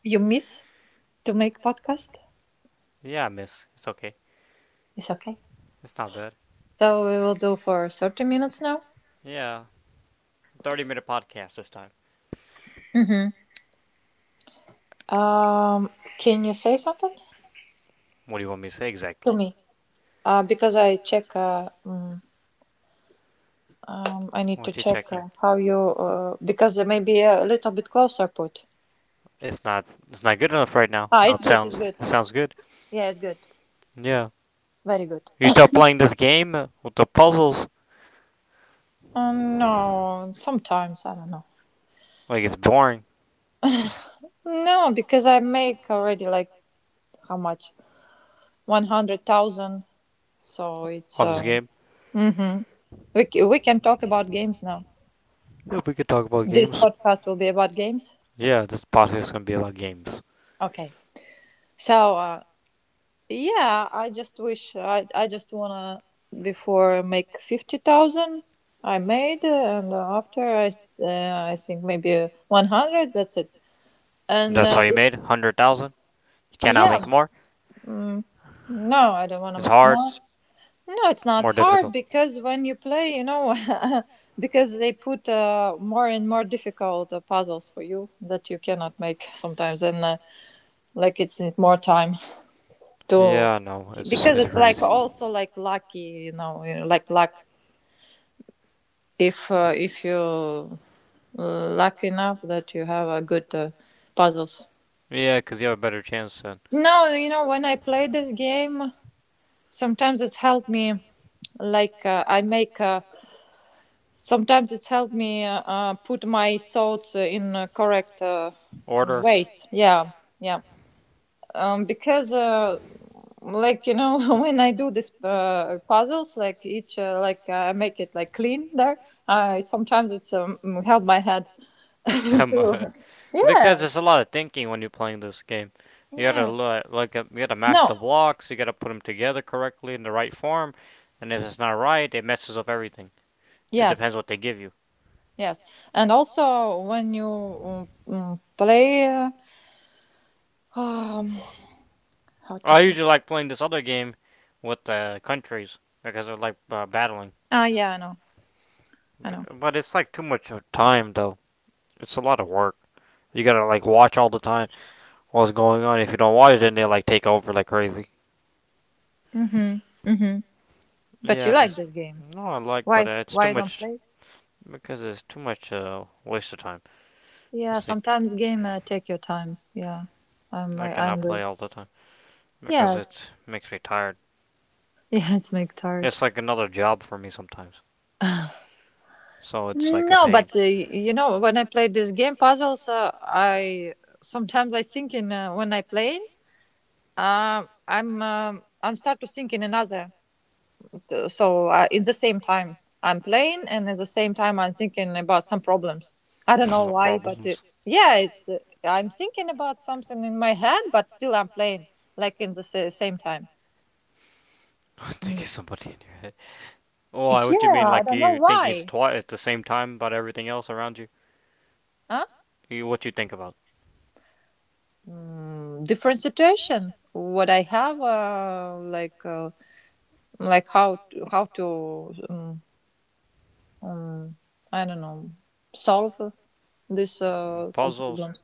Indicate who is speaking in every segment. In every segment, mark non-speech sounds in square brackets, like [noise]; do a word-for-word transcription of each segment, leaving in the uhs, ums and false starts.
Speaker 1: you miss to make podcast?
Speaker 2: Yeah, miss, it's okay.
Speaker 1: It's okay.
Speaker 2: It's not bad.
Speaker 1: So we will do for thirty minutes now.
Speaker 2: Yeah, thirty minute podcast this time.
Speaker 1: Mm-hmm. Um, can you say something
Speaker 2: What do you want me to say
Speaker 1: to
Speaker 2: exactly?
Speaker 1: me? Uh, because I check. Uh, mm, um, I need to
Speaker 2: What you
Speaker 1: check
Speaker 2: checking?
Speaker 1: uh, how you. Uh, because maybe a little bit closer put.
Speaker 2: It's not it's not good enough right now.
Speaker 1: Ah,
Speaker 2: How
Speaker 1: it's
Speaker 2: it
Speaker 1: good. It's
Speaker 2: sounds.
Speaker 1: good.
Speaker 2: It sounds good.
Speaker 1: Yeah, it's good.
Speaker 2: Yeah.
Speaker 1: Very good.
Speaker 2: You start playing this game uh, with the puzzles
Speaker 1: Um, no, sometimes I don't know.
Speaker 2: like it's boring
Speaker 1: No, because I make already like how much? One hundred thousand. So it's
Speaker 2: on this
Speaker 1: uh,
Speaker 2: game.
Speaker 1: hmm we c- we can talk about games now.
Speaker 2: Yeah, we could talk about
Speaker 1: This
Speaker 2: games.
Speaker 1: podcast will be about games.
Speaker 2: Yeah, this podcast is gonna be about games.
Speaker 1: Okay. So uh, yeah, I just wish I I just wanna before make fifty thousand I made uh, and uh, after I s- uh, I think maybe uh, one hundred. That's it. And
Speaker 2: That's how
Speaker 1: uh,
Speaker 2: you made?
Speaker 1: it's
Speaker 2: a hundred thousand? You cannot
Speaker 1: yeah.
Speaker 2: make more?
Speaker 1: Mm, no, I don't wanna
Speaker 2: It's
Speaker 1: make
Speaker 2: hard.
Speaker 1: more. No, it's not
Speaker 2: More
Speaker 1: hard
Speaker 2: difficult.
Speaker 1: because when you play, you know, [laughs] because they put uh, more and more difficult uh, puzzles for you that you cannot make [laughs] sometimes, and uh, like it's need more time to
Speaker 2: Yeah, I know. It's,
Speaker 1: because
Speaker 2: it's
Speaker 1: it's like
Speaker 2: crazy.
Speaker 1: also like lucky, you know, you know, like luck. If uh, if you lucky enough that you have a good uh, puzzles.
Speaker 2: Yeah, 'cause you have a better chance than
Speaker 1: No, you know, when I play this game, sometimes it's helped me. Like uh, I make. Uh, Sometimes it's helped me uh, uh, put my thoughts uh, in uh, correct uh, mm,
Speaker 2: order.
Speaker 1: ways. Yeah, yeah. Um, because uh, like you know, [laughs] when I do this uh, puzzles, like each uh, like uh, I make it like clean there. Uh, sometimes it's um, mm, help my head [laughs]
Speaker 2: [laughs]
Speaker 1: to.
Speaker 2: Because
Speaker 1: Yeah,
Speaker 2: there's a lot of thinking when you're playing this game. You gotta
Speaker 1: yeah.
Speaker 2: like uh, you gotta mash
Speaker 1: No.
Speaker 2: the blocks. You gotta put them together correctly in the right form, and if it's not right, it messes up everything. It
Speaker 1: Yes.
Speaker 2: depends what they give you.
Speaker 1: Yes. And also when you um, mm, play. Uh, um, [sighs] how to
Speaker 2: I
Speaker 1: say?
Speaker 2: usually like playing this other game with the uh, countries because I like uh, battling,
Speaker 1: Ah, yeah. I know. I know.
Speaker 2: but it's like too much time though. It's a lot of work. You gotta like watch all the time what's going on. If you don't watch, then they like take over like crazy.
Speaker 1: Mm-hmm. Mm-hmm. But
Speaker 2: Yeah,
Speaker 1: you like
Speaker 2: that's
Speaker 1: this game.
Speaker 2: no, I like, but
Speaker 1: Why?
Speaker 2: uh, it's too
Speaker 1: Why you don't
Speaker 2: much
Speaker 1: play?
Speaker 2: because it's too much uh, waste of time.
Speaker 1: Yeah,
Speaker 2: It's like
Speaker 1: sometimes game uh, take your time. Yeah, I'm
Speaker 2: I
Speaker 1: I
Speaker 2: cannot play
Speaker 1: angry.
Speaker 2: all the time because
Speaker 1: Yes. [laughs]
Speaker 2: it makes me tired.
Speaker 1: Yeah, it's make tired.
Speaker 2: It's like another job for me sometimes,
Speaker 1: [sighs] no,
Speaker 2: so it's like a pain.
Speaker 1: but uh, you know when I play this game puzzles, uh, I sometimes I think in uh, when I play,
Speaker 2: [laughs]
Speaker 1: um, I'm um, I'm start to think in another t- so uh, In the same time, I'm playing and at the same time I'm thinking about some problems. I don't know why, but uh,
Speaker 2: Problems.
Speaker 1: yeah it's uh, I'm thinking about something in my head but still I'm playing, like in the sa- same time.
Speaker 2: [laughs] Thinking
Speaker 1: Mm.
Speaker 2: somebody in your head. Well, I- what you
Speaker 1: Yeah,
Speaker 2: mean,
Speaker 1: I
Speaker 2: like
Speaker 1: don't know
Speaker 2: you thinking it's
Speaker 1: why.
Speaker 2: twice at the same time about everything else around you?
Speaker 1: Huh.
Speaker 2: You what you think about?
Speaker 1: Mm, different situation what I have, uh, like uh, like how to, how to um, um, I don't know, solve uh, this
Speaker 2: Mm,
Speaker 1: uh, some
Speaker 2: puzzles.
Speaker 1: problems.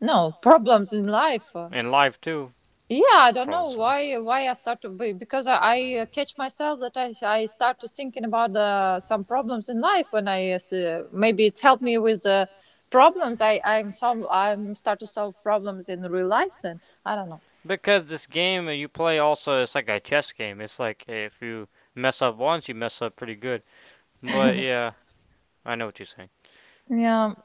Speaker 1: No, problems in life, uh,
Speaker 2: And life too.
Speaker 1: yeah, I don't know
Speaker 2: Problems in life.
Speaker 1: why why I start to be because I, I uh, catch myself that I I start to thinking about uh, some problems in life when I uh, s- uh, maybe it's helped me with uh, problems. I I'm some I'm start to solve problems in real life. Then I don't know.
Speaker 2: Because this game that you play also it's like a chess game. It's like if you mess up once, you mess up pretty good. But
Speaker 1: [laughs]
Speaker 2: yeah, I know what you're saying.
Speaker 1: Yeah.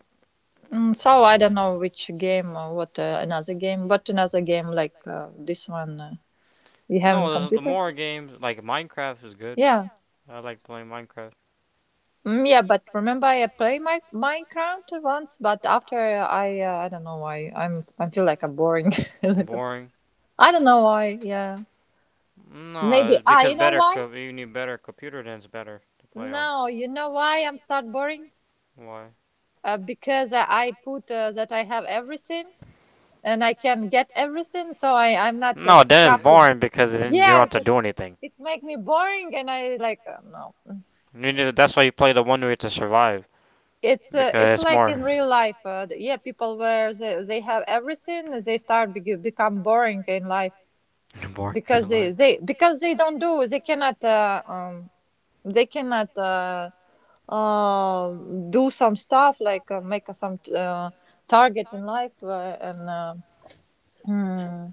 Speaker 1: mm, So I don't know which game or what uh, another game, but another game like uh, this one uh, you have in
Speaker 2: No, this is the
Speaker 1: computer.
Speaker 2: more games like Minecraft is good.
Speaker 1: Yeah.
Speaker 2: I like playing Minecraft.
Speaker 1: Mm, yeah, but remember I played my Minecraft once, but after I uh, I don't know why I'm I feel like I'm boring [laughs] a
Speaker 2: [laughs]
Speaker 1: little.
Speaker 2: Boring.
Speaker 1: I don't know why. Yeah,
Speaker 2: No,
Speaker 1: maybe
Speaker 2: it's
Speaker 1: ah
Speaker 2: because
Speaker 1: you know
Speaker 2: better
Speaker 1: why?
Speaker 2: co- you need better computer then it's better to play on.
Speaker 1: No, you know why I'm start boring?
Speaker 2: I'm starting? Why?
Speaker 1: Uh, because I, I put uh, that I have everything and I can get everything, so I I'm not uh,
Speaker 2: No, that is
Speaker 1: crafting.
Speaker 2: boring because then you don't have
Speaker 1: Yes,
Speaker 2: to
Speaker 1: it's
Speaker 2: do anything.
Speaker 1: it's make me boring, and I like uh, no.
Speaker 2: You need to, that's why you play the one where you have to survive
Speaker 1: it's uh, it's
Speaker 2: because it's
Speaker 1: like in
Speaker 2: more.
Speaker 1: real life uh, th- yeah, people where they, they have everything they start be-
Speaker 2: [laughs]
Speaker 1: become boring in life because
Speaker 2: Life.
Speaker 1: they, they because they don't do they cannot uh, um they cannot uh, um do some stuff like uh, make some t- uh, target in life uh, and uh, hmm,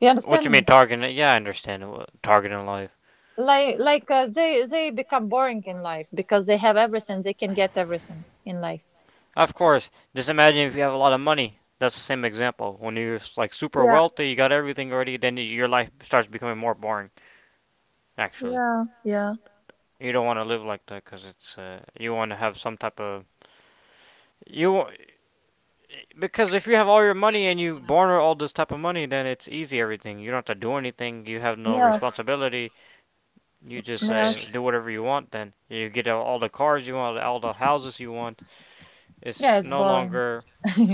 Speaker 1: you
Speaker 2: What
Speaker 1: understand
Speaker 2: you
Speaker 1: me
Speaker 2: mean targeting? Yeah, I understand what targeting life.
Speaker 1: like like uh, they they become boring in life because they have everything they can get everything in life
Speaker 2: Of course. Just imagine if you have a lot of money. That's the same example. When you're like super
Speaker 1: yeah
Speaker 2: wealthy, you got everything already, then your life starts becoming more boring. Actually,
Speaker 1: yeah yeah
Speaker 2: you don't want to live like that because it's uh, you want to have some type of you because if you have all your money and you born with all this type of money, then it's easy everything. You don't have to do anything. You have no
Speaker 1: yeah
Speaker 2: responsibility. You just
Speaker 1: yeah.
Speaker 2: uh, do whatever you want. Then you get all all the cars you want, all the houses you want. It's
Speaker 1: Yeah, it's
Speaker 2: no
Speaker 1: boring.
Speaker 2: longer,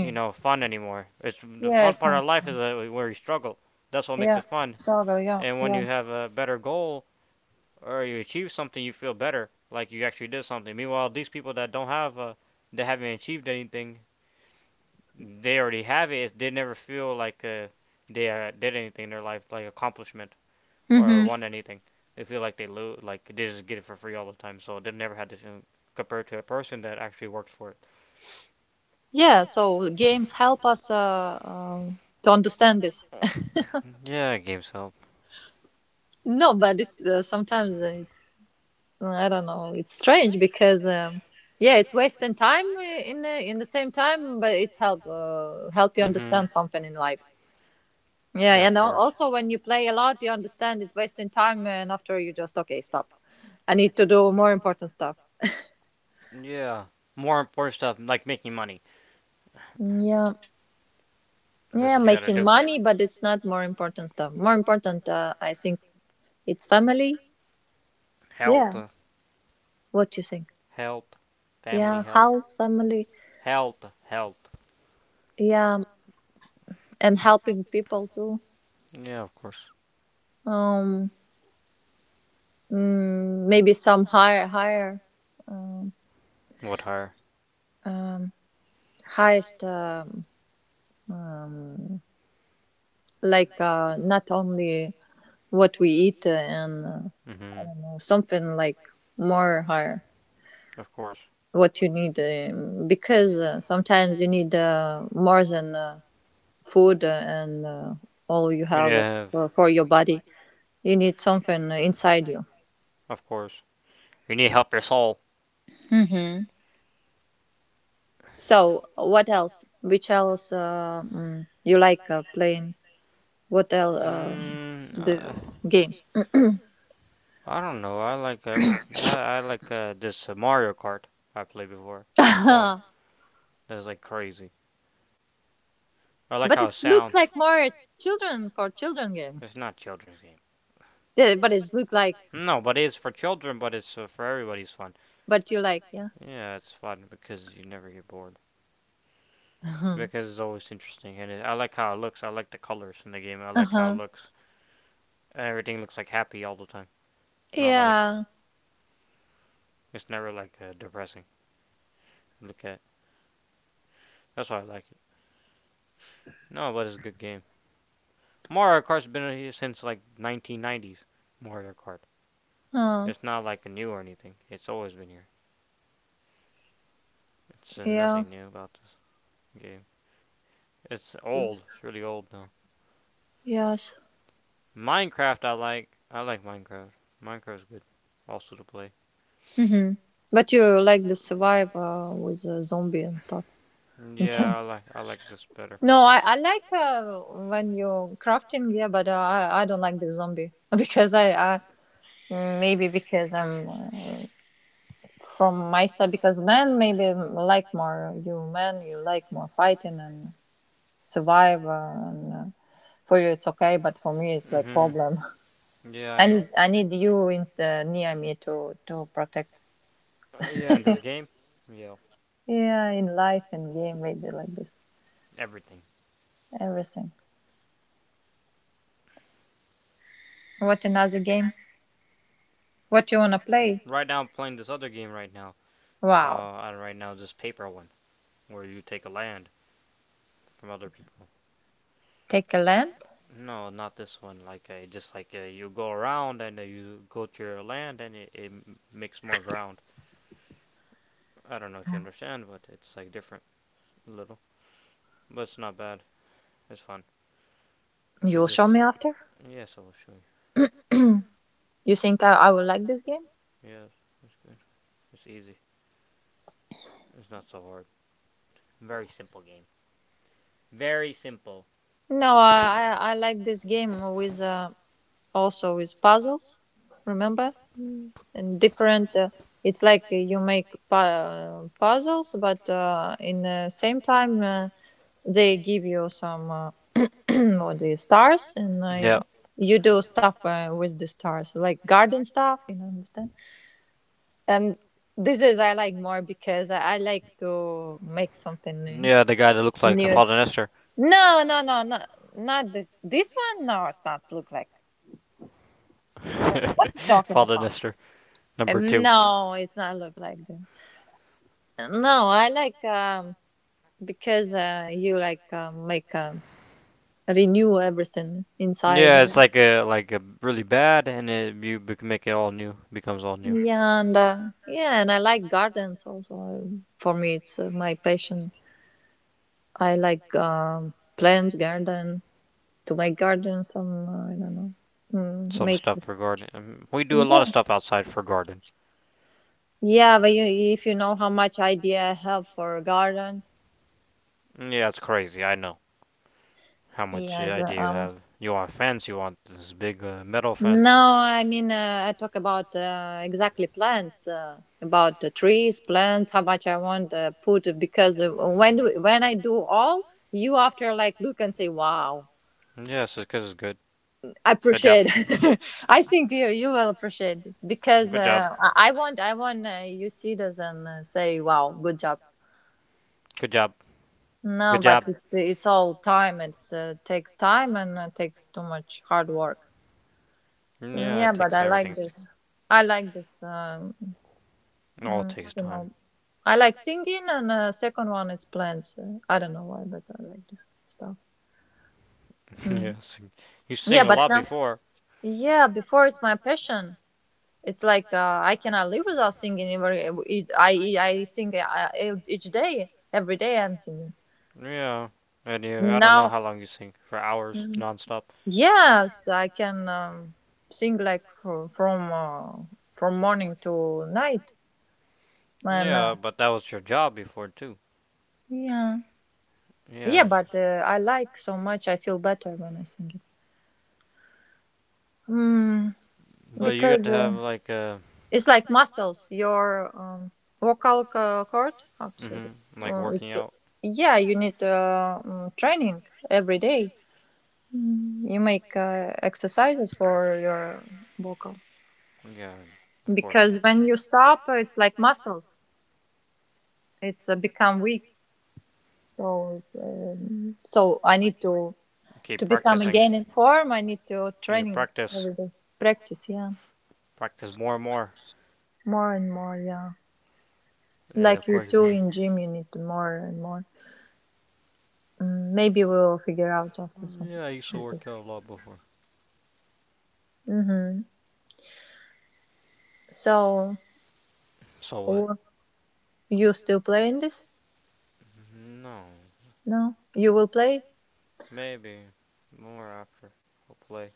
Speaker 2: you know, fun anymore. It's the
Speaker 1: yeah,
Speaker 2: fun
Speaker 1: it's
Speaker 2: part
Speaker 1: not
Speaker 2: of life is
Speaker 1: fun.
Speaker 2: uh, where you struggle. That's what makes
Speaker 1: Yeah,
Speaker 2: it fun.
Speaker 1: struggle. Yeah,
Speaker 2: And when you
Speaker 1: yeah.
Speaker 2: have a better goal, or you achieve something, you feel better, like you actually did something. Meanwhile, these people that don't have, uh, that haven't achieved anything, they already have it. They never feel like uh, they uh, did anything in their life, like accomplishment or
Speaker 1: Hmm.
Speaker 2: won anything. They feel like they lose, like they just get it for free all the time. So they've never had this feeling compared to a person that actually worked for it.
Speaker 1: Yeah, so games help us uh, um to understand this.
Speaker 2: [laughs] Uh, yeah, games help.
Speaker 1: No, but it's uh, sometimes it's I don't know. It's strange because um, yeah, it's wasting time uh, in the, in the same time, but it's help uh, help you
Speaker 2: Mm-hmm.
Speaker 1: understand something in life. Yeah,
Speaker 2: Yeah, of
Speaker 1: and al-
Speaker 2: course.
Speaker 1: also when you play a lot, you understand it's wasting time, and after you just okay, stop. I need to do more important stuff.
Speaker 2: Yeah. More important stuff, like making money.
Speaker 1: Yeah.
Speaker 2: That's
Speaker 1: Yeah,
Speaker 2: what you gotta
Speaker 1: making
Speaker 2: do.
Speaker 1: money, but it's not more important stuff. More important, uh, I think, it's family.
Speaker 2: Health.
Speaker 1: Yeah, what you think?
Speaker 2: Health. Family
Speaker 1: Yeah,
Speaker 2: health.
Speaker 1: house, family.
Speaker 2: Health. Health.
Speaker 1: Yeah, and helping people too.
Speaker 2: Yeah, of course.
Speaker 1: Um, mm, Maybe some higher, higher, um,
Speaker 2: What higher?
Speaker 1: um highest, um, um, like uh, not only what we eat and uh,
Speaker 2: Mm
Speaker 1: I
Speaker 2: hmm.
Speaker 1: don't know, something like more higher.
Speaker 2: Of course.
Speaker 1: What you need um, because uh, sometimes you need uh, more than uh, food uh, and uh, all you
Speaker 2: You need to
Speaker 1: have
Speaker 2: have.
Speaker 1: for, for your body, you need something inside you.
Speaker 2: Of course. You need to help your soul.
Speaker 1: Hmm. So what else which else uh, mm, you like uh, playing, what else um,
Speaker 2: Mm,
Speaker 1: the
Speaker 2: uh,
Speaker 1: games. [coughs]
Speaker 2: I don't know. I like every. I, I like uh, this uh, Mario Kart I played before
Speaker 1: [clears throat]
Speaker 2: on phone.
Speaker 1: but
Speaker 2: That's like crazy. I like how
Speaker 1: it
Speaker 2: it
Speaker 1: looks
Speaker 2: sounds.
Speaker 1: like more children for children game.
Speaker 2: It's not children's game.
Speaker 1: Yeah, but it's look like,
Speaker 2: No, but it's for children, but it's uh, for everybody's fun.
Speaker 1: but you like yeah.
Speaker 2: Yeah, it's fun because you never get bored.
Speaker 1: [laughs]
Speaker 2: Because it's always interesting, and it, I like how it looks. I like the colors in the game. I like how it
Speaker 1: uh-huh.
Speaker 2: looks. Everything looks like happy all the time. Not like
Speaker 1: Yeah,
Speaker 2: yeah. It's never like uh, depressing. Look at it. That's why I like it. No, but it's a good game. Mario Kart's been here since like nineteen nineties. Mario Kart. Oh.
Speaker 1: uh,
Speaker 2: It's not like a new or anything. It's always been here. It's uh,
Speaker 1: yeah.
Speaker 2: nothing new about this game. It's old. It's really old though.
Speaker 1: Yes.
Speaker 2: Minecraft, I like. I like Minecraft. Minecraft's good, also to play.
Speaker 1: Hmm. But you like the survivor with a zombie and stuff
Speaker 2: Yeah, I
Speaker 1: inside.
Speaker 2: like.
Speaker 1: [laughs]
Speaker 2: I like this better.
Speaker 1: No, I, I like uh, when you're crafting, yeah, but uh, I, I don't like the zombie [laughs] because I, I mm, maybe because I'm uh, from my side because men maybe like more you men you like more fighting and survivor and uh, for you it's okay but for me it's like
Speaker 2: Mhm.
Speaker 1: problem.
Speaker 2: Yeah,
Speaker 1: [laughs]
Speaker 2: I
Speaker 1: I
Speaker 2: know.
Speaker 1: need I need you in the, near me to to protect.
Speaker 2: Uh, yeah, and this game. Yeah,
Speaker 1: Yeah, in life and game maybe like this.
Speaker 2: everything.
Speaker 1: Everything. What another game? What you wanna play?
Speaker 2: Right now, I'm playing this other game right now.
Speaker 1: Wow.
Speaker 2: Uh, and right now, this paper one, where you take a land from other people.
Speaker 1: Take a land?
Speaker 2: No, not this one. Like uh, just like uh, you go around and uh, you go to your land and it, it makes more ground. I don't know if you understand, but it's like different a little. But it's not bad. It's fun.
Speaker 1: You will
Speaker 2: It's you
Speaker 1: show
Speaker 2: just
Speaker 1: me after?
Speaker 2: yes, I will show you.
Speaker 1: [clears throat] you think I, I will like this game?
Speaker 2: Yes, it's good. It's easy. It's not so hard. Very simple game. Very simple.
Speaker 1: No, I I like this game with uh, also with puzzles. Remember? Mm. And different. Uh, it's like you make pu- uh, puzzles, but uh, in the same time uh, they give you some uh, [clears throat] what the stars, and
Speaker 2: Yeah.
Speaker 1: I, you do stuff uh, with the stars, like garden stuff. You know, understand? And this is I like more because I, I like to make something new.
Speaker 2: Yeah, the guy that looks like a
Speaker 1: New.
Speaker 2: Father Nestor.
Speaker 1: No, no, no, no, not this. This one? No, it's not look like. What you
Speaker 2: [laughs]
Speaker 1: talking
Speaker 2: Father
Speaker 1: about?
Speaker 2: Nestor,
Speaker 1: Uh,
Speaker 2: number two.
Speaker 1: No, it's not look like that. No, I like um, because uh, you like um, make um, renew everything inside.
Speaker 2: Yeah,
Speaker 1: Uh,
Speaker 2: it's like a like a really bad, and it, you bec- make it all new, becomes all new.
Speaker 1: yeah, and uh, yeah, and I like gardens also. For me, it's uh, my passion. I like um, plants, garden. To my garden some uh, I don't know, mm,
Speaker 2: Some
Speaker 1: make,
Speaker 2: stuff for garden. Um, we do a lot
Speaker 1: yeah,
Speaker 2: of stuff outside for garden.
Speaker 1: yeah but you, if you know how much idea I have for a garden.
Speaker 2: Yeah, it's crazy. I know. How much uh,
Speaker 1: Yeah it's, uh,
Speaker 2: idea you
Speaker 1: um,
Speaker 2: have? You want a fence? You want this big uh, metal fence?
Speaker 1: no I mean uh, I talk about uh, exactly plants uh, about the trees plants how much I want to put because uh, when do, when I do all, you after like look and say wow,
Speaker 2: Yes, because it's good.
Speaker 1: I
Speaker 2: Good job.
Speaker 1: appreciate. [laughs] I think you you will appreciate this because
Speaker 2: Good job.
Speaker 1: uh, i I want i want uh, you see this and uh, say wow good job.
Speaker 2: Good job.
Speaker 1: No,
Speaker 2: Good
Speaker 1: but
Speaker 2: job.
Speaker 1: it's it's all time. It's uh, takes time and uh, takes too much hard work.
Speaker 2: Yeah, it
Speaker 1: Mm,
Speaker 2: Yeah,
Speaker 1: yeah, but
Speaker 2: takes
Speaker 1: I like
Speaker 2: everything.
Speaker 1: this. I like this. Um,
Speaker 2: All it
Speaker 1: mm, I
Speaker 2: takes
Speaker 1: don't
Speaker 2: time.
Speaker 1: know. I like singing, and uh, second one it's plants. Uh, I don't know why, but I like this stuff.
Speaker 2: [laughs]
Speaker 1: Mm.
Speaker 2: Yes, you sing
Speaker 1: Yeah,
Speaker 2: a
Speaker 1: but
Speaker 2: lot
Speaker 1: now,
Speaker 2: before.
Speaker 1: yeah, before it's my passion. It's like uh, I cannot live without singing. Every it, I I sing uh, each day, every day I'm singing.
Speaker 2: Yeah, and you, I don't know
Speaker 1: Now,
Speaker 2: how long you sing for hours nonstop.
Speaker 1: yes, I can um, sing like fr- from uh, from morning to night, and uh,
Speaker 2: Yeah, but that was your job before too.
Speaker 1: yeah, yeah.
Speaker 2: Yeah,
Speaker 1: But uh, I like so much.
Speaker 2: 'Cause-
Speaker 1: I feel better when I sing it. Mm,
Speaker 2: But you got
Speaker 1: because
Speaker 2: to
Speaker 1: uh,
Speaker 2: have like uh,
Speaker 1: it's like muscles. Your um, vocal co- cord. How to say this?
Speaker 2: hmm like
Speaker 1: Uh,
Speaker 2: working
Speaker 1: it's uh,
Speaker 2: out.
Speaker 1: yeah. You need uh, mm, training every day. Mm, You make uh, exercises for your vocal
Speaker 2: Yeah, of course.
Speaker 1: because when you stop, uh, it's like muscles it's uh, become weak. So it's, um, so I need to to
Speaker 2: Keep
Speaker 1: become
Speaker 2: practicing.
Speaker 1: again in
Speaker 2: Practicing.
Speaker 1: form. I need to
Speaker 2: You
Speaker 1: training
Speaker 2: practice,
Speaker 1: every day, practice. Yeah,
Speaker 2: bit. Practice more and more.
Speaker 1: more and more. Yeah,
Speaker 2: Yeah, of
Speaker 1: like you
Speaker 2: course. It'd
Speaker 1: do
Speaker 2: be...
Speaker 1: in gym, you need more and more.
Speaker 2: more.
Speaker 1: Mm, maybe we'll figure out after
Speaker 2: Mm,
Speaker 1: something.
Speaker 2: yeah, I used to
Speaker 1: Like
Speaker 2: work
Speaker 1: this.
Speaker 2: out a lot before.
Speaker 1: Mm-hmm. So
Speaker 2: So what?
Speaker 1: w- you still play in this?
Speaker 2: No,
Speaker 1: No, you will play.
Speaker 2: maybe more after. Hopefully.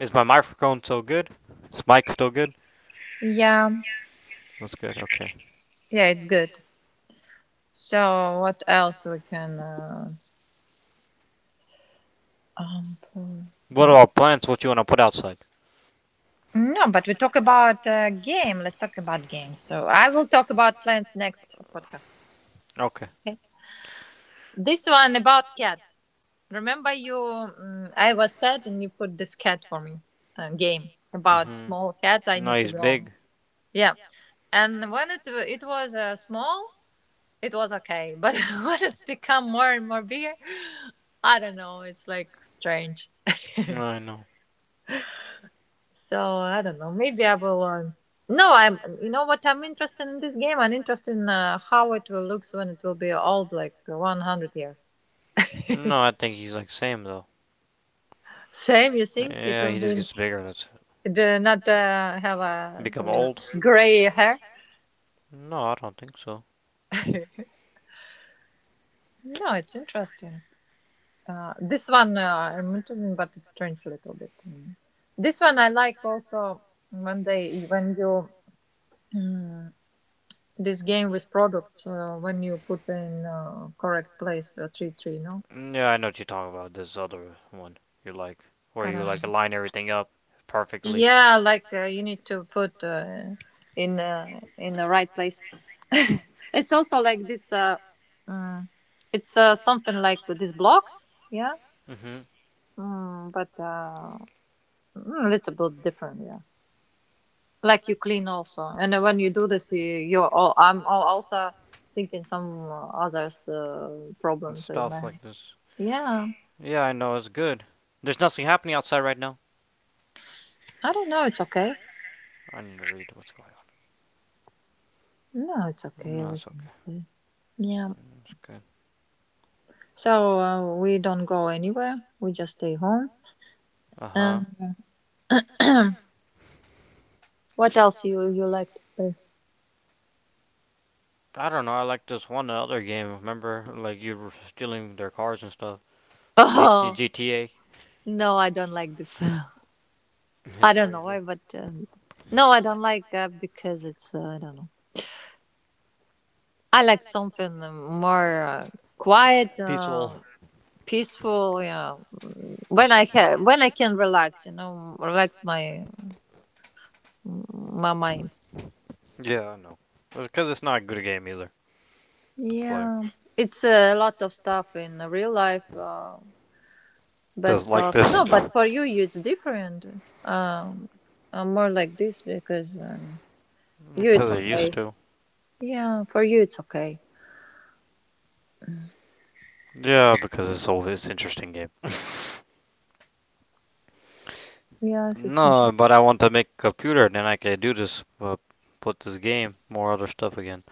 Speaker 2: Is my microphone still good? Is mic still good?
Speaker 1: Yeah,
Speaker 2: That's good. Okay.
Speaker 1: yeah, it's good. So what else we can uh, um, play?
Speaker 2: What are our plants? What you want to put outside?
Speaker 1: No, but we talk about uh, game. Let's talk about games. So I will talk about plants next podcast.
Speaker 2: Okay.
Speaker 1: Okay. This one about cat. Remember you? Mm, I was sad, and you put this cat for me. Uh, game about
Speaker 2: Hmm.
Speaker 1: small cat. I
Speaker 2: No,
Speaker 1: need to
Speaker 2: he's
Speaker 1: grow. On.
Speaker 2: big.
Speaker 1: Yeah. And when it it was uh, small, it was okay. But [laughs] when it's become more and more bigger, I don't know. It's like strange. [laughs]
Speaker 2: No, I know.
Speaker 1: So I don't know. Maybe I will. Um, no, I'm. You know what? I'm interested in this game. I'm interested in uh, how it will look when it will be old, like one hundred years.
Speaker 2: No, I think he's like Sam though.
Speaker 1: Same, you think it
Speaker 2: Yeah, he
Speaker 1: will
Speaker 2: just
Speaker 1: be
Speaker 2: gets bigger. That's it.
Speaker 1: it, uh, not uh, have a
Speaker 2: Become
Speaker 1: uh,
Speaker 2: old.
Speaker 1: gray hair.
Speaker 2: No, I don't think so.
Speaker 1: [laughs] No, it's interesting. Uh, this one uh, I'm interested, in, but it's strange a little bit. Mm. This one I like also when they when you. mm, this game with products uh, when you put in uh, correct place uh, three three no
Speaker 2: Yeah, I know what you're talking about. This other one you like, where
Speaker 1: I
Speaker 2: you
Speaker 1: don't know.
Speaker 2: like align everything up perfectly.
Speaker 1: Yeah, like uh, you need to put uh, in uh, in the right place. [laughs] It's also like this. Uh, mm, it's uh, something like these blocks. Yeah,
Speaker 2: Mm-hmm.
Speaker 1: mm, but uh, mm, a little bit different. Yeah, like you clean also, and then when you do this, you- you're. All I'm all also thinking some uh, others uh,
Speaker 2: And
Speaker 1: problems in my
Speaker 2: stuff
Speaker 1: head.
Speaker 2: like this.
Speaker 1: Yeah,
Speaker 2: Yeah, I know, it's good. There's nothing happening outside right now.
Speaker 1: I don't know. It's okay.
Speaker 2: I need to read what's going
Speaker 1: No, it's
Speaker 2: yeah, on.
Speaker 1: okay.
Speaker 2: No, it's okay.
Speaker 1: Everything. Okay. Yeah.
Speaker 2: It's good.
Speaker 1: So uh, we don't go anywhere. We just stay home.
Speaker 2: Uh huh. Yeah.
Speaker 1: And [clears throat] what else you you like to play? [laughs]
Speaker 2: I don't know, I like this one other game. Remember, like, you were stealing their cars and stuff? G- [laughs] uh
Speaker 1: Oh,
Speaker 2: G T A?
Speaker 1: no, I don't like this. [laughs]
Speaker 2: [laughs]
Speaker 1: I
Speaker 2: It's crazy.
Speaker 1: don't know
Speaker 2: Crazy.
Speaker 1: why, but um, no, I don't like that because it's, uh, I don't know. I like something uh, more uh, quiet,
Speaker 2: Peaceful.
Speaker 1: uh, peaceful, yeah. Mm, when I ha- when I can relax, you know, relax my my mind.
Speaker 2: Yeah, I know. It's because it's not a good game either to play.
Speaker 1: Yeah, it's a lot of stuff in real life. Uh, But
Speaker 2: Just like
Speaker 1: stop. No,
Speaker 2: this.
Speaker 1: but for you, you- it's different. Um, I'm more like this because um, you, it's
Speaker 2: Because it used
Speaker 1: okay.
Speaker 2: to.
Speaker 1: Yeah, for you, it's okay.
Speaker 2: Yeah, because it's always interesting game.
Speaker 1: Yes, it's interesting.
Speaker 2: No, but I want to make a computer, then I can do this, uh, put this game, more other stuff again.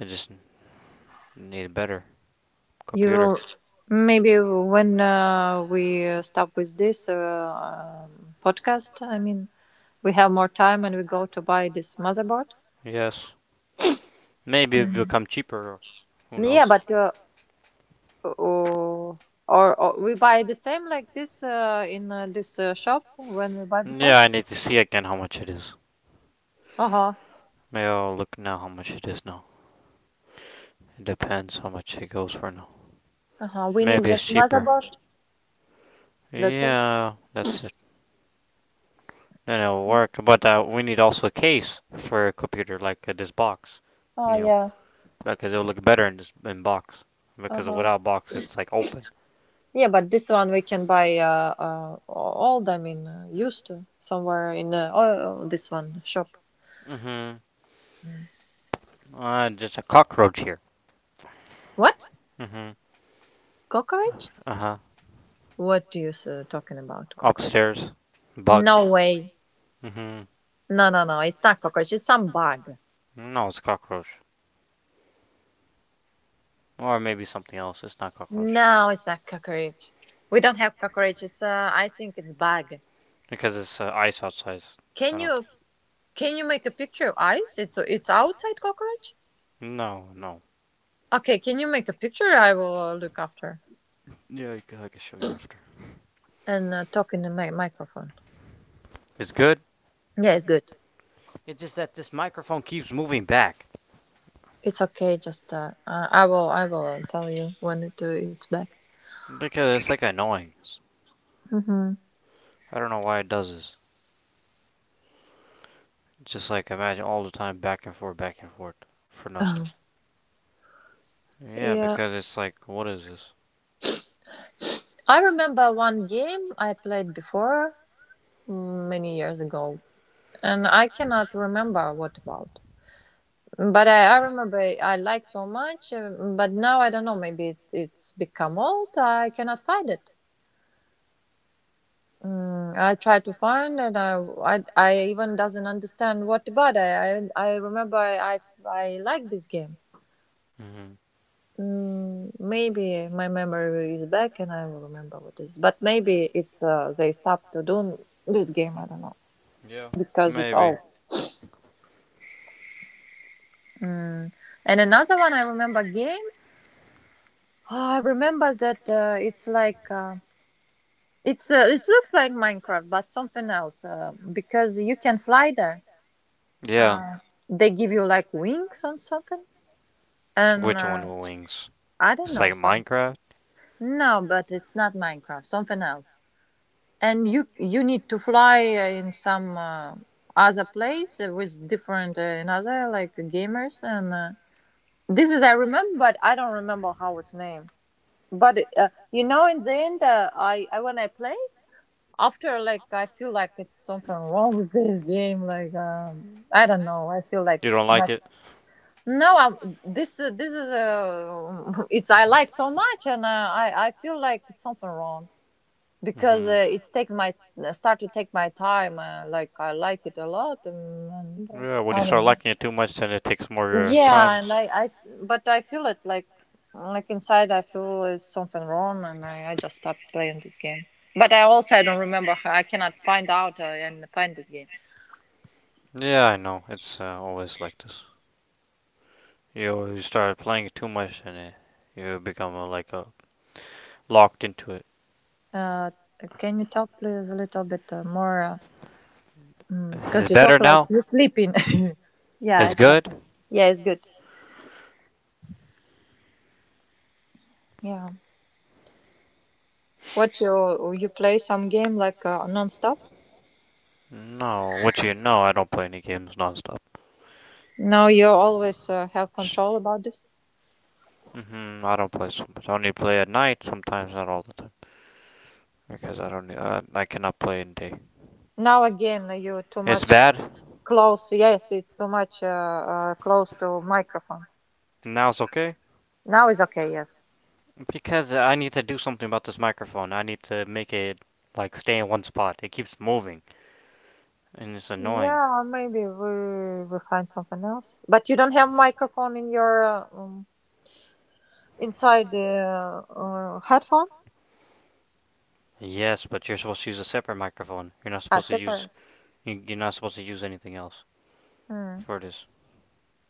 Speaker 2: I just need a better
Speaker 1: You
Speaker 2: computer.
Speaker 1: will maybe when uh, we uh, stop with this uh, um, podcast. I mean, we have more time and we go to buy this motherboard.
Speaker 2: Yes. Maybe it will
Speaker 1: Mhm.
Speaker 2: become cheaper, or who
Speaker 1: Yeah,
Speaker 2: knows.
Speaker 1: but uh, or, or or we buy the same like this uh, in uh, this uh, shop when we buy before.
Speaker 2: Yeah, I need to see again how much it is.
Speaker 1: Uh huh.
Speaker 2: Maybe I'll look now how much it is now. It depends how much it goes for now.
Speaker 1: Uh huh. We need
Speaker 2: Maybe it's
Speaker 1: just
Speaker 2: cheaper.
Speaker 1: motherboard. That's it.
Speaker 2: Yeah, that's it. Then it'll work. But uh, we need also a case for a computer like uh, this box. You
Speaker 1: Oh
Speaker 2: know,
Speaker 1: yeah.
Speaker 2: because it'll look better in this in box. Because
Speaker 1: Uh-huh.
Speaker 2: without box, it's like open.
Speaker 1: Yeah, but this one we can buy uh, uh old. I mean, uh, used uh, somewhere in uh, oh, this one shop.
Speaker 2: Mm-hmm.
Speaker 1: Mm.
Speaker 2: Uh, just a cockroach here.
Speaker 1: What
Speaker 2: Mm-hmm.
Speaker 1: cockroach?
Speaker 2: Uh huh.
Speaker 1: What do you s- uh, talking about cockroach?
Speaker 2: Upstairs. Bug.
Speaker 1: No way.
Speaker 2: Hmm.
Speaker 1: No, no, no. It's not cockroach. It's some bug.
Speaker 2: No, it's cockroach. Or maybe something else. It's not cockroach.
Speaker 1: No, it's not cockroach. We don't have cockroach. It's uh, I think it's bug.
Speaker 2: Because it's uh, ice outside. I
Speaker 1: Can
Speaker 2: don't
Speaker 1: you
Speaker 2: think.
Speaker 1: can you make a picture of eyes? It's it's outside cockroach.
Speaker 2: No, no.
Speaker 1: Okay, can you make a picture? I will uh, look after.
Speaker 2: Yeah, I can show you after.
Speaker 1: And uh, talk in the mi- microphone.
Speaker 2: It's good.
Speaker 1: Yeah, it's good.
Speaker 2: It's just that this microphone keeps moving back.
Speaker 1: It's okay. Just uh, uh, I will I will tell you when it, uh, it's back.
Speaker 2: Because it's like annoying.
Speaker 1: Mm-hmm.
Speaker 2: I I don't know why it does this. It's just like imagine all the time back and forth, back and forth for
Speaker 1: Oh,
Speaker 2: nothing. Yeah,
Speaker 1: yeah.
Speaker 2: because it's like, what is this?
Speaker 1: I remember one game I played before mm, many years ago, and I cannot remember what about. But I, I remember I like so much, uh, but now I don't know. Maybe it, it's become old. I cannot find it. Mm, I tried to find and I, I, I even doesn't understand what about it. I, I remember I, I, I like this game.
Speaker 2: Hmm.
Speaker 1: Mm, maybe my memory is back and I will remember what it is. But maybe it's uh, they stopped to do this game. I don't know
Speaker 2: Yeah,
Speaker 1: because it's
Speaker 2: maybe.
Speaker 1: old. Mm. And another one I remember game. Oh, I remember that uh, it's like uh, it's uh, it looks like Minecraft but something else uh, because you can fly there.
Speaker 2: Yeah.
Speaker 1: Uh, they give you like wings or something. And
Speaker 2: Which
Speaker 1: uh,
Speaker 2: one with wings?
Speaker 1: I don't
Speaker 2: It's
Speaker 1: know
Speaker 2: like
Speaker 1: some.
Speaker 2: Minecraft?
Speaker 1: No, but it's not Minecraft. Something else. And you you need to fly uh, in some uh, other place uh, with different uh, another like gamers and uh, this is I remember, but I don't remember how it's named. But uh, you know, in the end, uh, I, I when I play after like I feel like it's something wrong with this game. Like um, I don't know. I feel like
Speaker 2: You don't like
Speaker 1: not.
Speaker 2: it?
Speaker 1: No, I this uh, this is uh, [laughs] it's I like so much, and uh, I I feel like it's something wrong because
Speaker 2: Hmm.
Speaker 1: uh, it's take my uh, start to take my time. Uh, like I like it a lot, and, and uh,
Speaker 2: Yeah, when you
Speaker 1: I don't
Speaker 2: start
Speaker 1: know.
Speaker 2: liking it too much, then it takes more of your time.
Speaker 1: Yeah, and I, I s- but I feel it like like inside I feel is something wrong, and I I just stopped playing this game. But I also I don't remember. how- I cannot find out uh, and find this game.
Speaker 2: Yeah, I know. It's uh, always like this. You start playing it too much and it, you become uh, like uh, locked into it.
Speaker 1: Uh, can you talk please a little bit uh, more? uh, Mm,
Speaker 2: It's
Speaker 1: because you talk
Speaker 2: better
Speaker 1: like
Speaker 2: now.
Speaker 1: you're sleeping. [laughs] Yeah,
Speaker 2: It's
Speaker 1: it's better.
Speaker 2: good.
Speaker 1: Yeah, it's good. Yeah. What you you play some game like uh, non-stop?
Speaker 2: No, what you know, I don't play any games nonstop.
Speaker 1: No, you always uh, have
Speaker 2: Sh-
Speaker 1: control about this.
Speaker 2: Mhm. I don't play so much. I only play at night sometimes, not all the time, because I don't. Uh, I cannot play in day.
Speaker 1: Now again, you too
Speaker 2: It's
Speaker 1: much
Speaker 2: bad.
Speaker 1: close. Yes, it's too much uh, uh, close to microphone.
Speaker 2: Now it's okay
Speaker 1: Now is okay. Yes.
Speaker 2: because I need to do something about this microphone. I need to make it like stay in one spot. It keeps moving and it's annoying.
Speaker 1: Yeah, maybe we we find something else. But you don't have microphone in your uh, um, inside the uh, uh, headphone.
Speaker 2: Yes, but you're supposed to use a separate microphone. You're not
Speaker 1: Ah,
Speaker 2: supposed to use
Speaker 1: separate.
Speaker 2: you- you're not supposed to use anything else
Speaker 1: Mm,
Speaker 2: for this.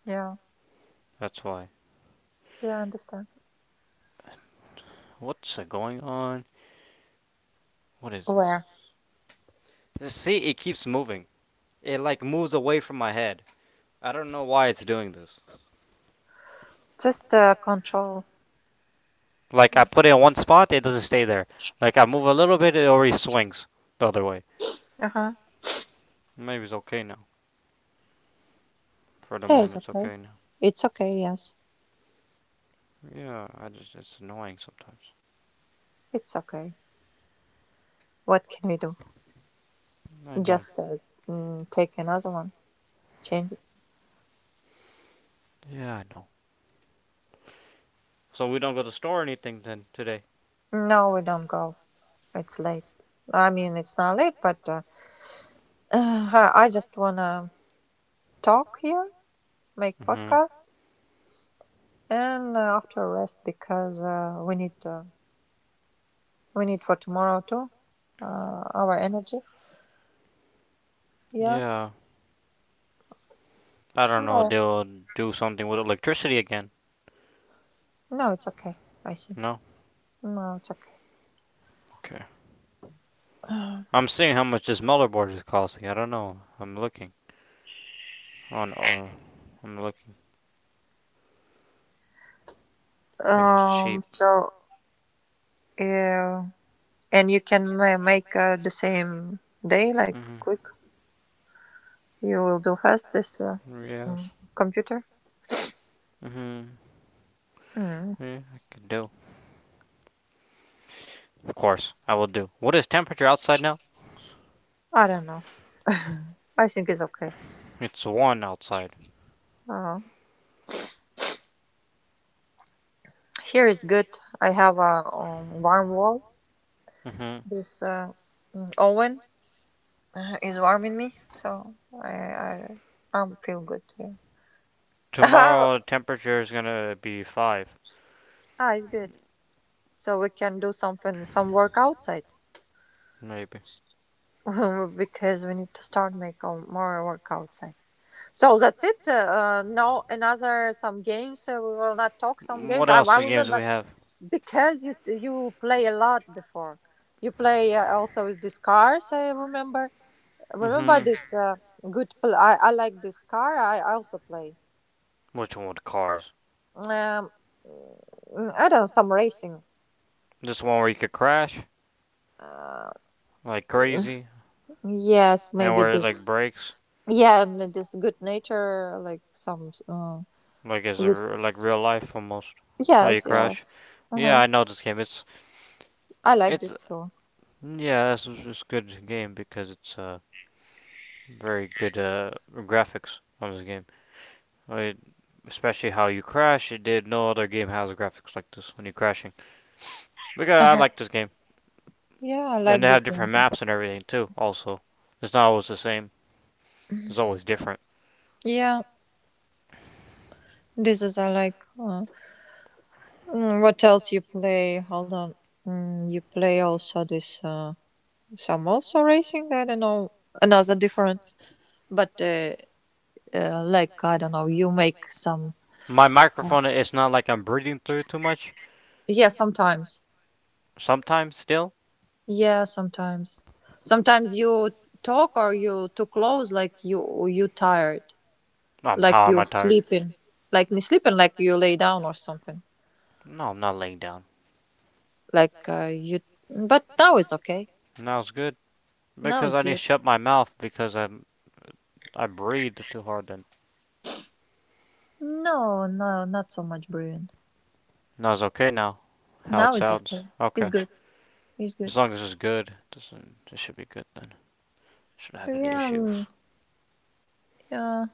Speaker 1: yeah,
Speaker 2: That's why.
Speaker 1: yeah, I understand.
Speaker 2: What's uh, going on? What is this?
Speaker 1: Where?
Speaker 2: This- See, it keeps moving. It like moves away from my head. I don't know why it's doing this.
Speaker 1: Just uh, control.
Speaker 2: Like I put it in one spot, it doesn't stay there. Like I move a little bit, it already swings the other way.
Speaker 1: Uh huh.
Speaker 2: Maybe it's okay now. For the
Speaker 1: Yeah,
Speaker 2: moment,
Speaker 1: it's
Speaker 2: it's
Speaker 1: okay.
Speaker 2: okay now.
Speaker 1: It's okay. Yes,
Speaker 2: Yeah, I just it's annoying sometimes.
Speaker 1: it's okay. What can we do?
Speaker 2: I know.
Speaker 1: Just uh, mm, take another one. Change it.
Speaker 2: Yeah, I know. So we don't go to store or anything then today.
Speaker 1: No, we don't go. It's late. I mean, it's not late, but uh, [sighs] I just wanna talk here, make
Speaker 2: Hmm.
Speaker 1: podcast, and uh, after rest because uh, we need uh, we need for tomorrow too. Uh, our energy. Yeah.
Speaker 2: Yeah. I don't know.
Speaker 1: No.
Speaker 2: They'll do something with electricity again.
Speaker 1: No, it's okay. I think.
Speaker 2: No.
Speaker 1: No, it's
Speaker 2: Okay.
Speaker 1: okay.
Speaker 2: I'm
Speaker 1: [sighs]
Speaker 2: seeing how much this motherboard is costing. I don't know. I'm looking on. Uh, I'm looking if it's cheap.
Speaker 1: Um. So yeah, and you can ma- make uh, the same day, like
Speaker 2: Mhm.
Speaker 1: quick. You will do fast this uh,
Speaker 2: Yes.
Speaker 1: mm, computer.
Speaker 2: Mhm.
Speaker 1: Mm,
Speaker 2: Yeah, I can do. Of course, I will do. What is temperature outside now?
Speaker 1: I don't know. I think it's okay.
Speaker 2: It's one outside.
Speaker 1: Uh, here is good. I have a um, warm wall.
Speaker 2: Mhm.
Speaker 1: This uh, mm, oven uh, is warming me, so I I um, feel good. Yeah. [laughs]
Speaker 2: Tomorrow temperature is gonna be five.
Speaker 1: Ah, it's good. So we can do something, some work outside.
Speaker 2: Maybe.
Speaker 1: [laughs] Because we need to start make um, more work outside. So that's it. Uh, no, another some games. Uh, we will not talk some
Speaker 2: Mm, What
Speaker 1: games. I,
Speaker 2: else the
Speaker 1: I
Speaker 2: games do we
Speaker 1: remember
Speaker 2: have?
Speaker 1: because you you play a lot before. You play uh, also with this cars. I remember.
Speaker 2: Mm-hmm.
Speaker 1: Remember this uh, good. Pl- I I like this car. I, I also play.
Speaker 2: Which one with cars?
Speaker 1: Um, mm, I don't know, some racing.
Speaker 2: This one where you could crash
Speaker 1: Uh,
Speaker 2: like crazy,
Speaker 1: yes,
Speaker 2: and
Speaker 1: maybe
Speaker 2: where it like
Speaker 1: this.
Speaker 2: breaks,
Speaker 1: Yeah, and this good nature like some. Uh,
Speaker 2: like is
Speaker 1: is it-
Speaker 2: like real life almost. How you
Speaker 1: yes, yeah.
Speaker 2: crash? Yeah,
Speaker 1: Uh-huh.
Speaker 2: I know this game. It's
Speaker 1: I like
Speaker 2: it's
Speaker 1: this too.
Speaker 2: yeah, that's it's a good game because it's uh very good uh graphics on this game. I mean, especially how you crash. It did No other game has graphics like this when you're crashing. Because
Speaker 1: Uh
Speaker 2: I
Speaker 1: huh.
Speaker 2: like this game,
Speaker 1: Yeah, I
Speaker 2: and
Speaker 1: like
Speaker 2: they
Speaker 1: this
Speaker 2: have
Speaker 1: game
Speaker 2: different
Speaker 1: too.
Speaker 2: maps and everything too. Also, it's not always the same. It's always different.
Speaker 1: Yeah, this is I like. Uh, mm, what else you play? Hold on. Mm, you play also this uh, some also racing. I don't know another different, but uh, uh, like I don't know. You make some.
Speaker 2: My
Speaker 1: uh,
Speaker 2: microphone, it's not like I'm breathing through it too much.
Speaker 1: Yeah, sometimes.
Speaker 2: Sometimes still.
Speaker 1: Yeah, sometimes. Sometimes you talk or you too close, like you you tired,
Speaker 2: Um,
Speaker 1: like
Speaker 2: how am
Speaker 1: you
Speaker 2: I tired?
Speaker 1: sleeping, like me sleeping, like you lay down or something,
Speaker 2: No, I'm not laying down.
Speaker 1: like uh, you. But now it's okay.
Speaker 2: Now it's good
Speaker 1: Now
Speaker 2: because
Speaker 1: it's
Speaker 2: I need to
Speaker 1: good.
Speaker 2: shut my mouth because I'm I breathed too hard. Then
Speaker 1: No, no, not so much brewing.
Speaker 2: now it's okay now. How it
Speaker 1: Now it's
Speaker 2: sounds.
Speaker 1: okay. It's
Speaker 2: Okay,
Speaker 1: good. It's good.
Speaker 2: as long as it's good, doesn't it should be good then. Shouldn't have any
Speaker 1: Yeah, mm,
Speaker 2: issues.
Speaker 1: yeah,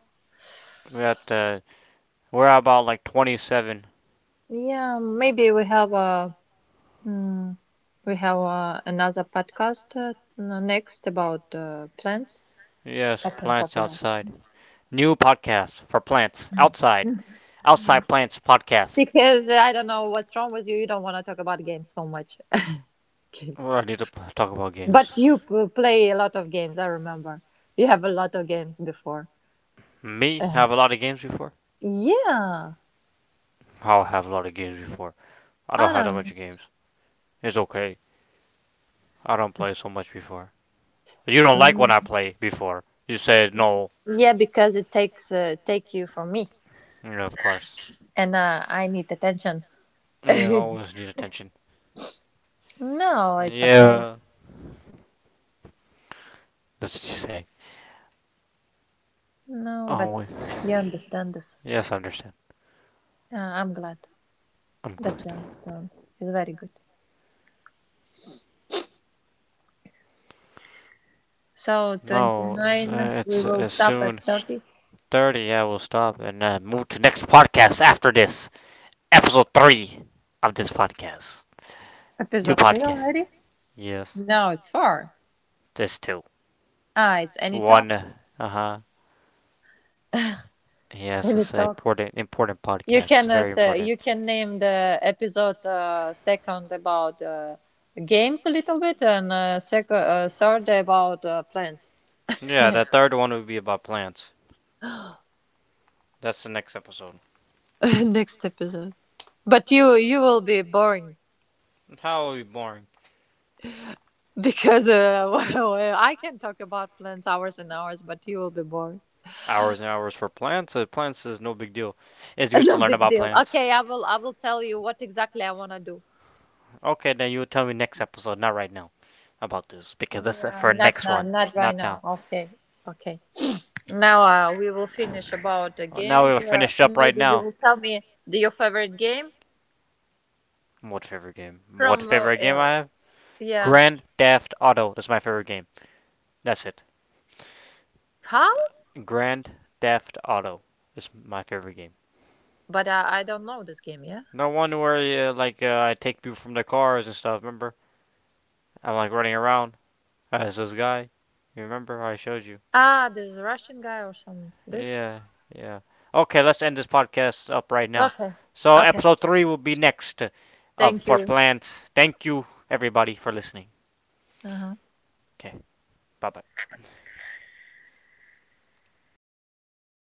Speaker 2: We got uh, we're at about like twenty seven.
Speaker 1: yeah. Maybe we have a mm, we have uh another podcast uh, n- next about uh, plants.
Speaker 2: Yes,
Speaker 1: I can talk
Speaker 2: plants
Speaker 1: about
Speaker 2: outside. New podcast for plants outside. Outside plants
Speaker 1: [laughs]
Speaker 2: podcast.
Speaker 1: because I don't know what's wrong with you. You don't want to talk about games so much. [laughs]
Speaker 2: Well,
Speaker 1: Games,
Speaker 2: I need to p- talk about games.
Speaker 1: but you p- play a lot of games. I remember you have a lot of games before. [laughs]
Speaker 2: Me
Speaker 1: Uh,
Speaker 2: have a lot of games before.
Speaker 1: yeah,
Speaker 2: I'll have a lot of games before. I don't have that
Speaker 1: I
Speaker 2: much games. It's okay. I don't play so much before. You don't like when I
Speaker 1: don't.
Speaker 2: play before. You said no.
Speaker 1: Yeah, because it takes uh, take you from me,
Speaker 2: Yeah, of course.
Speaker 1: and uh, I need attention.
Speaker 2: Yeah, I always
Speaker 1: [laughs]
Speaker 2: need attention.
Speaker 1: No,
Speaker 2: No.
Speaker 1: it's okay.
Speaker 2: Yeah. That's what you say.
Speaker 1: No, but
Speaker 2: Always.
Speaker 1: you understand this.
Speaker 2: Yes, I understand.
Speaker 1: Uh, I'm glad
Speaker 2: I'm
Speaker 1: that you
Speaker 2: glad.
Speaker 1: understand. It's very good. So twenty
Speaker 2: No, uh,
Speaker 1: nine, we
Speaker 2: It's
Speaker 1: will
Speaker 2: as
Speaker 1: stop at
Speaker 2: soon
Speaker 1: thirty.
Speaker 2: thirty. I will stop and uh, move to next podcast after this episode three of this podcast. New
Speaker 1: Episode three
Speaker 2: podcast.
Speaker 1: already?
Speaker 2: Yes,
Speaker 1: No, it's four.
Speaker 2: this too.
Speaker 1: Ah, it's any
Speaker 2: One.
Speaker 1: talk.
Speaker 2: Uh huh. Yes,
Speaker 1: Any
Speaker 2: it's an
Speaker 1: talk.
Speaker 2: important important
Speaker 1: You
Speaker 2: podcast. It's
Speaker 1: can uh,
Speaker 2: very
Speaker 1: th-
Speaker 2: important.
Speaker 1: you can name the episode uh, second about uh, games a little bit, and uh, second uh, third about uh, plants.
Speaker 2: Yeah, that
Speaker 1: [laughs]
Speaker 2: third one would be about plants.
Speaker 1: [laughs]
Speaker 2: That's the next episode.
Speaker 1: Next episode. But you you will be boring
Speaker 2: How boring.
Speaker 1: because uh, [laughs] well, I can talk about plants hours and hours, but you will be boring.
Speaker 2: Hours and hours for plants. Uh, plants is no big deal. It's
Speaker 1: [laughs]
Speaker 2: good to
Speaker 1: No
Speaker 2: learn
Speaker 1: big
Speaker 2: about
Speaker 1: deal.
Speaker 2: plants.
Speaker 1: Okay, I will I will tell you what exactly I want to do.
Speaker 2: Okay, then you tell me next episode, not right now, about this because that's
Speaker 1: Yeah,
Speaker 2: for
Speaker 1: not
Speaker 2: next
Speaker 1: not
Speaker 2: one,
Speaker 1: not right
Speaker 2: not
Speaker 1: now.
Speaker 2: now.
Speaker 1: Okay, okay. Now uh, we will finish about the
Speaker 2: Oh, now we
Speaker 1: games.
Speaker 2: will
Speaker 1: Uh,
Speaker 2: finish up
Speaker 1: maybe
Speaker 2: right
Speaker 1: you will
Speaker 2: now.
Speaker 1: tell me the, your favorite game
Speaker 2: What favorite game? What
Speaker 1: from uh,
Speaker 2: favorite game
Speaker 1: uh,
Speaker 2: I have?
Speaker 1: yeah
Speaker 2: Grand Theft Auto is my favorite game. That's it.
Speaker 1: how?
Speaker 2: Grand Theft Auto is my favorite game.
Speaker 1: But uh, I don't know this game. Yeah.
Speaker 2: The one where uh, like uh, I take people from their cars and stuff. Remember? I'm like running around as this guy. You remember how I showed you?
Speaker 1: Ah, this Russian guy or some this.
Speaker 2: Yeah, yeah. Okay, let's end this podcast up right now.
Speaker 1: Okay.
Speaker 2: So
Speaker 1: Okay.
Speaker 2: episode three will be next uh, of
Speaker 1: Thank
Speaker 2: for
Speaker 1: you.
Speaker 2: plants. Thank you everybody for listening.
Speaker 1: Uh-huh.
Speaker 2: Okay, bye bye.